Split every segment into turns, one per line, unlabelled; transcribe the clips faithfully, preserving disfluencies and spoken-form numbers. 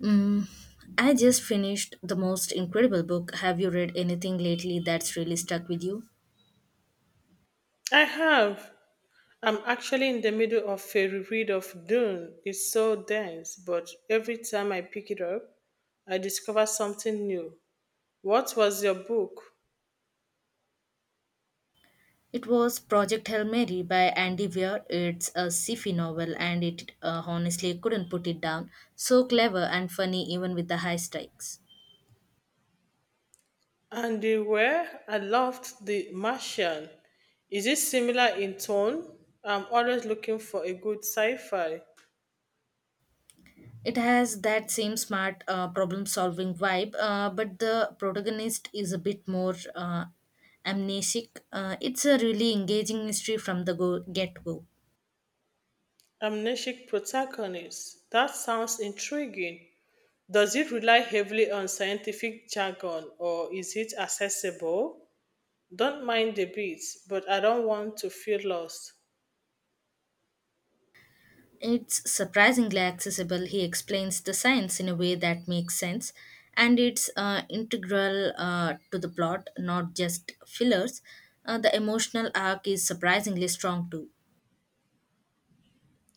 Mm, I just finished the most incredible book. Have you read anything lately that's really stuck with you?
I have. I'm actually in the middle of a reread of Dune. It's so dense, but every time I pick it up, I discover something new. What was your book?
It was Project Hail Mary by Andy Weir. It's a sci-fi novel and it uh, honestly couldn't put it down. So clever and funny even with the high stakes.
And the where I loved The Martian. Is it similar in tone? I'm always looking for a good sci-fi.
It has that same smart uh, problem-solving vibe, uh, but the protagonist is a bit more uh, amnesic. Uh, it's a really engaging mystery from the go- get-go.
Amnesic protagonist. That sounds intriguing. Does it rely heavily on scientific jargon or is it accessible? Don't mind the beats, but I don't want to feel lost.
It's surprisingly accessible. He explains the science in a way that makes sense, and it's uh, integral uh, to the plot, not just fillers. Uh, the emotional arc is surprisingly strong too.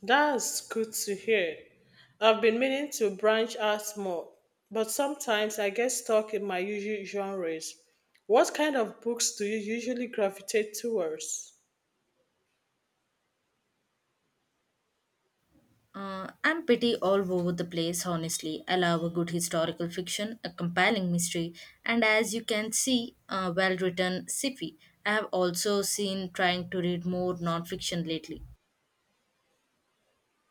That's good to hear. I've been meaning to branch out more, but sometimes I get stuck in my usual genres. What kind of books do you usually gravitate towards?
Uh, I'm pretty all over the place, honestly. I love a good historical fiction, a compelling mystery, and as you can see, a well written sci fi. I have also seen trying to read more non fiction lately.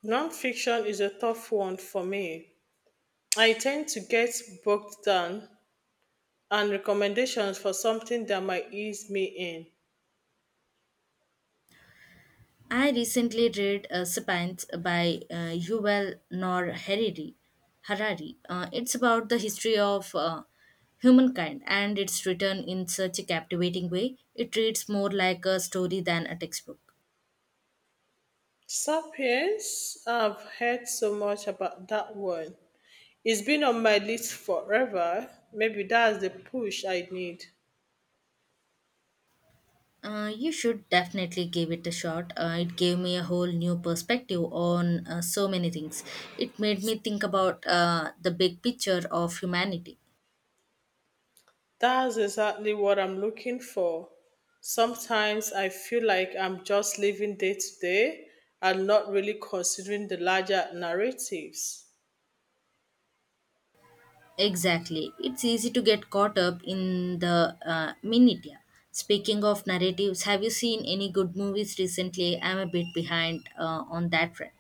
Nonfiction is a tough one for me. I tend to get bogged down and recommendations for something that might ease me in.
I recently read uh, Sapiens by uh, Yuval Noah Harari. Harari. Uh, it's about the history of uh, humankind, and it's written in such a captivating way. It reads more like a story than a textbook.
Sapiens, I've heard so much about that one. It's been on my list forever. Maybe that's the push I need.
Uh, you should definitely give it a shot. Uh, it gave me a whole new perspective on uh, so many things. It made me think about uh, the big picture of humanity.
That's exactly what I'm looking for. Sometimes I feel like I'm just living day to day and not really considering the larger narratives.
Exactly. It's easy to get caught up in the uh, minutia. Speaking of narratives, have you seen any good movies recently? I'm a bit behind uh, on that front.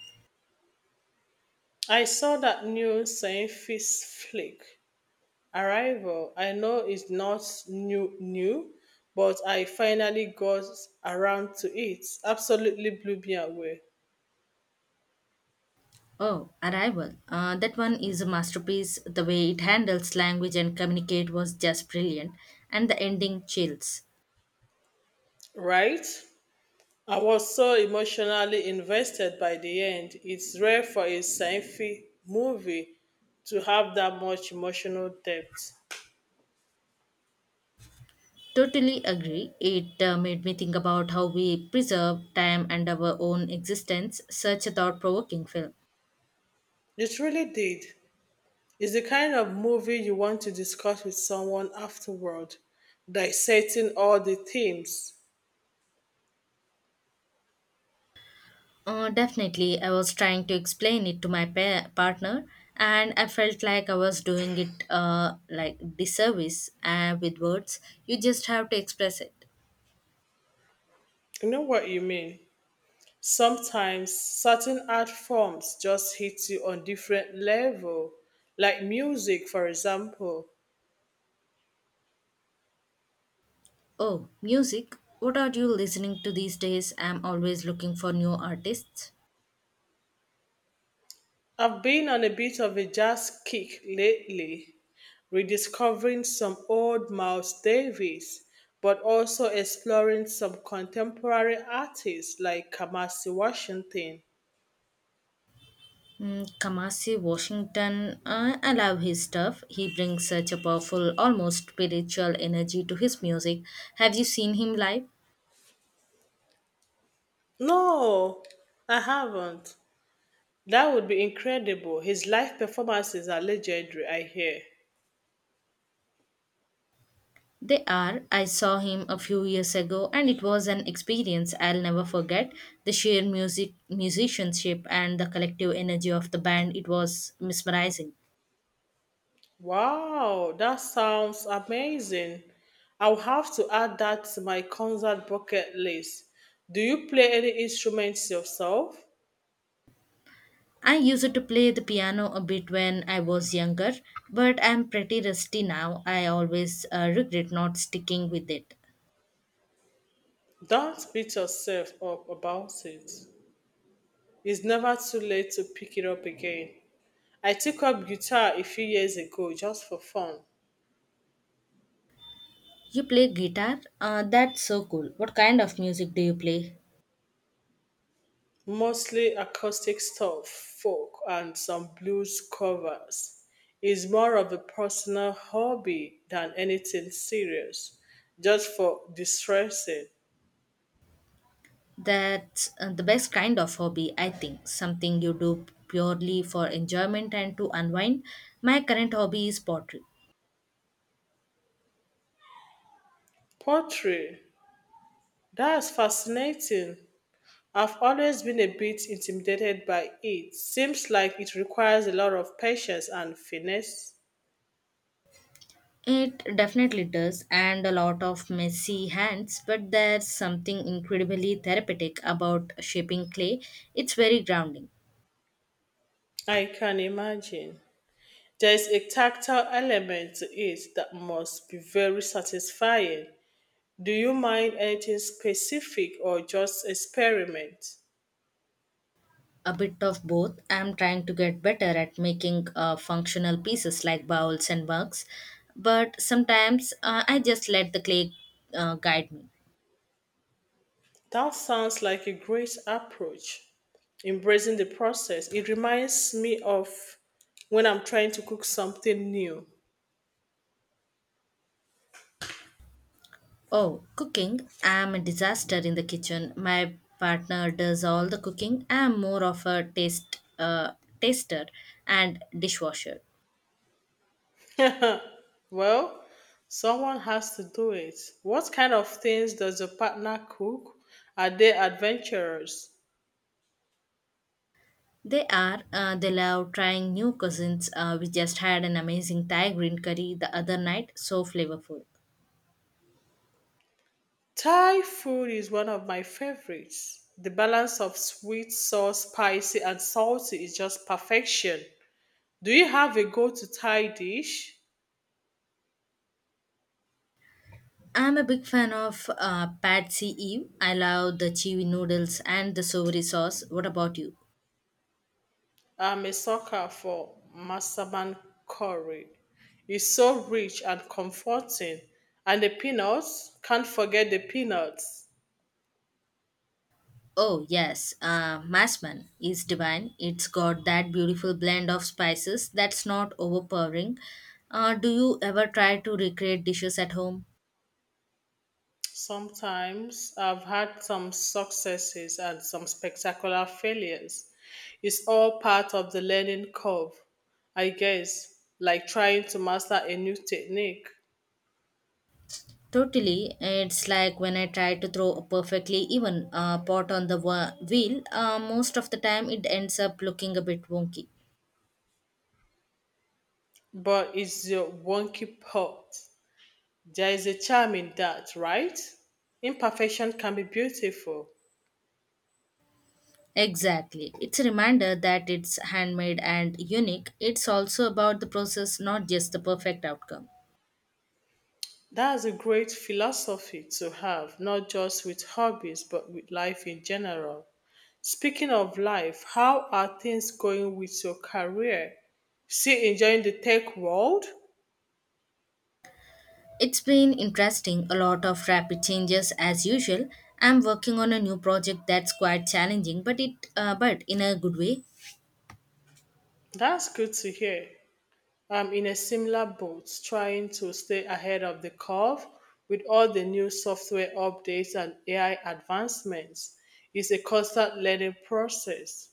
I saw that new science flick, Arrival. I know it's not new, new, but I finally got around to it. Absolutely blew me away,
Oh, Arrival. Uh, that one is a masterpiece. The way it handles language and communicate was just brilliant, and the ending chills.
right? I was so emotionally invested by the end. It's rare for a sci-fi movie to have that much emotional depth.
Totally agree. It uh, made me think about how we preserve time and our own existence. Such a thought provoking film.
It really did. It's the kind of movie you want to discuss with someone afterward, dissecting all the themes.
Uh, definitely, I was trying to explain it to my pa- partner, and I felt like I was doing it uh, like disservice uh, with words. You just have to express it.
You know what you mean? Sometimes certain art forms just hit you on different level, like music, for example.
Oh, music. What are you listening to these days? I'm always looking for new artists.
I've been on a bit of a jazz kick lately, rediscovering some old Miles Davis, but also exploring some contemporary artists like Kamasi Washington.
Mm, Kamasi Washington, uh, I love his stuff. He brings such a powerful, almost spiritual energy to his music. Have you seen him live?
No, I haven't. That would be incredible. His live performances are legendary, I hear.
They are. I saw him a few years ago and it was an experience I'll never forget. The sheer music musicianship and the collective energy of the band, it was mesmerizing.
Wow, that sounds amazing. I'll have to add that to my concert bucket list. Do you play any instruments yourself?
I used to play the piano a bit when I was younger, but I'm pretty rusty now. I always uh, regret not sticking with it.
Don't beat yourself up about it. It's never too late to pick it up again. I took up guitar a few years ago just for fun,
You play guitar? Uh, that's so cool. What kind of music do you play?
mostly acoustic stuff, folk, and some blues covers. It's more of a personal hobby than anything serious, just for distressing.
That's uh, the best kind of hobby, I think. Something you do purely for enjoyment and to unwind. My current hobby is pottery.
Pottery, that's fascinating. I've always been a bit intimidated by it. Seems like it requires a lot of patience and finesse.
It definitely does, and a lot of messy hands, but there's something incredibly therapeutic about shaping clay. It's very grounding.
I can imagine. There's a tactile element to it that must be very satisfying. Do you mind anything specific or just experiment?
A bit of both. I'm trying to get better at making uh, functional pieces like bowls and mugs, but sometimes uh, I just let the clay uh, guide me.
That sounds like a great approach. Embracing the process. It reminds me of when I'm trying to cook something new.
Oh, cooking. I'm a disaster in the kitchen. My partner does all the cooking. I'm more of a taste uh, taster and dishwasher.
Well, someone has to do it. What kind of things does your partner cook? Are they adventurous?
They are uh, they love trying new cuisines. Uh, we just had an amazing Thai green curry the other night. So flavorful.
Thai food is one of my favorites. The balance of sweet, sour, spicy, and salty is just perfection. Do you have a go to Thai dish?
I'm a big fan of uh, Pad See Ew. I love the chewy noodles and the savory sauce. What about you?
I'm a sucker for Masaman curry. It's so rich and comforting. And the peanuts, can't forget the peanuts.
Oh, yes, uh, masman is divine. It's got that beautiful blend of spices that's not overpowering. Uh, do you ever try to recreate dishes at home?
Sometimes I've had some successes and some spectacular failures. It's all part of the learning curve, I guess, like trying to master a new technique.
Totally. It's like when I try to throw a perfectly even uh, pot on the wa- wheel, uh, most of the time it ends up looking a bit wonky.
But it's your wonky part. There is a charm in that, right? Imperfection can be beautiful.
Exactly. It's a reminder that it's handmade and unique. It's also about the process, not just the perfect outcome.
That's a great philosophy to have, not just with hobbies, but with life in general. Speaking of life, how are things going with your career? Still enjoying the tech world?
It's been interesting, a lot of rapid changes as usual. I'm working on a new project that's quite challenging, but it uh, but in a good way.
That's good to hear. I'm in a similar boat, trying to stay ahead of the curve with all the new software updates and A I advancements. It's a constant learning process.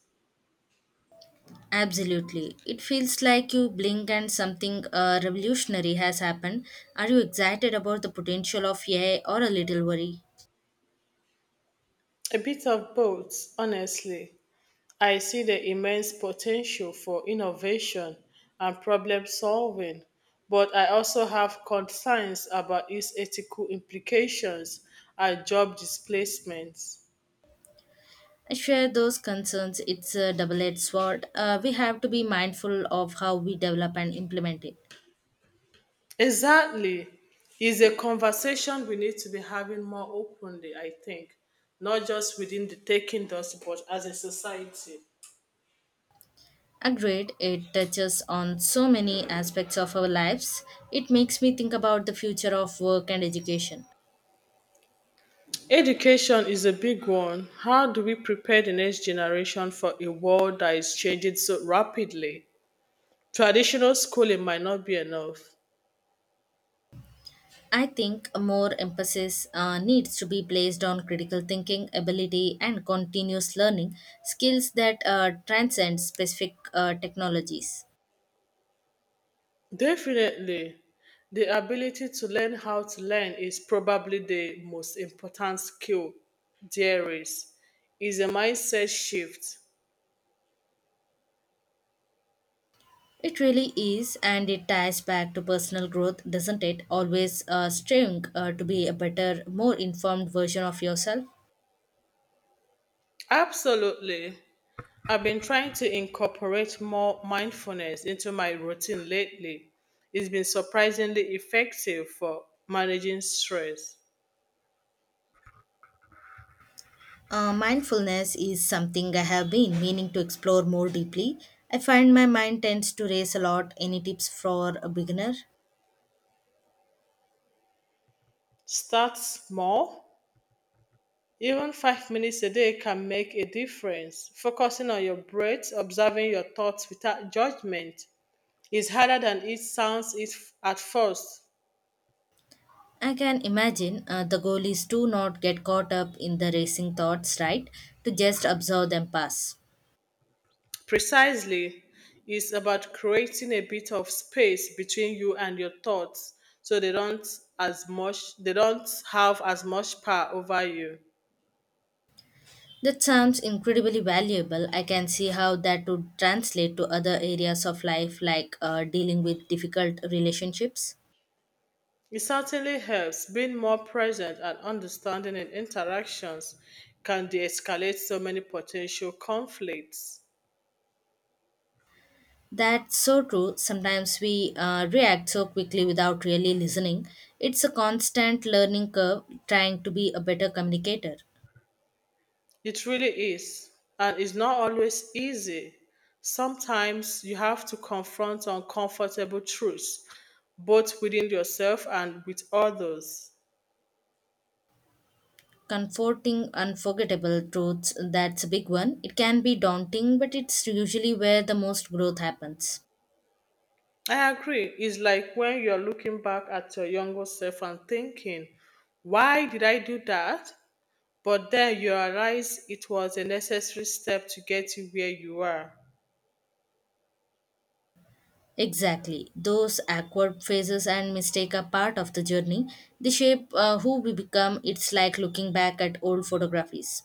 Absolutely. It feels like you blink and something uh, revolutionary has happened. Are you excited about the potential of A I or a little worried?
A bit of both, honestly. I see the immense potential for innovation and problem solving, but I also have concerns about its ethical implications and job displacements.
I share those concerns. It's a double edged sword. Uh, we have to be mindful of how we develop and implement it.
Exactly. It's a conversation we need to be having more openly, I think, not just within the tech industry, but as a society.
Agreed, it touches on so many aspects of our lives. It makes me think about the future of work and education.
Education is a big one. How do we prepare the next generation for a world that is changing so rapidly? Traditional schooling might not be enough.
I think more emphasis uh, needs to be placed on critical thinking, ability, and continuous learning skills that uh, transcend specific uh, technologies.
Definitely, the ability to learn how to learn is probably the most important skill there is. Is a mindset shift.
It really is, and it ties back to personal growth, doesn't it? Always uh, striving uh, to be a better, more informed version of yourself.
Absolutely. I've been trying to incorporate more mindfulness into my routine lately. It's been surprisingly effective for managing stress.
Uh, mindfulness is something I have been meaning to explore more deeply. I find my mind tends to race a lot. Any tips for a beginner?
Start small. Even five minutes a day can make a difference. Focusing on your breath, observing your thoughts without judgment is harder than it sounds it at first.
I can imagine uh, the goal is to not get caught up in the racing thoughts, right? To just observe them pass.
Precisely, it's about creating a bit of space between you and your thoughts so they don't as much they don't have as much power over you.
That sounds incredibly valuable. I can see how that would translate to other areas of life like uh, dealing with difficult relationships.
It certainly helps being more present and understanding in interactions can de-escalate so many potential conflicts.
That's so true. Sometimes we uh, react so quickly without really listening. It's a constant learning curve trying to be a better communicator.
It really is. And it's not always easy. Sometimes you have to confront uncomfortable truths, both within yourself and with others.
Comforting unforgettable truths, that's a big one. It can be daunting, but it's usually where the most growth happens.
I agree. It's like when you're looking back at your younger self and thinking, why did I do that? But then you realize it was a necessary step to get you where you are.
Exactly. Those awkward phases and mistake are part of the journey. They shape uh, who we become. It's like looking back at old photographies.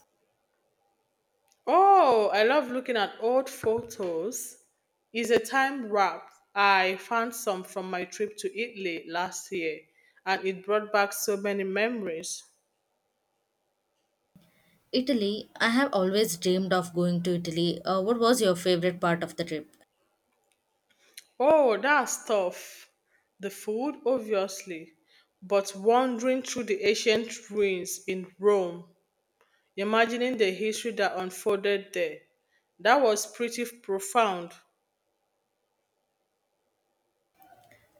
Oh, I love looking at old photos. It's a time wrap. I found some from my trip to Italy last year and it brought back so many memories.
Italy, I have always dreamed of going to Italy. Uh, what was your favorite part of the trip?
Oh, that's tough. The food, obviously, but wandering through the ancient ruins in Rome, imagining the history that unfolded there, that was pretty profound.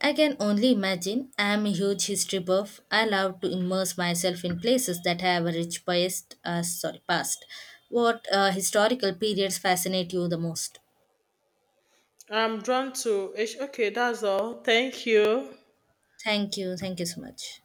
I can only imagine. I am a huge history buff. I love to immerse myself in places that have a rich past. Uh, sorry, past. What uh, historical periods fascinate you the most?
I'm drawn to. Okay, that's all. Thank you.
Thank you. Thank you so much.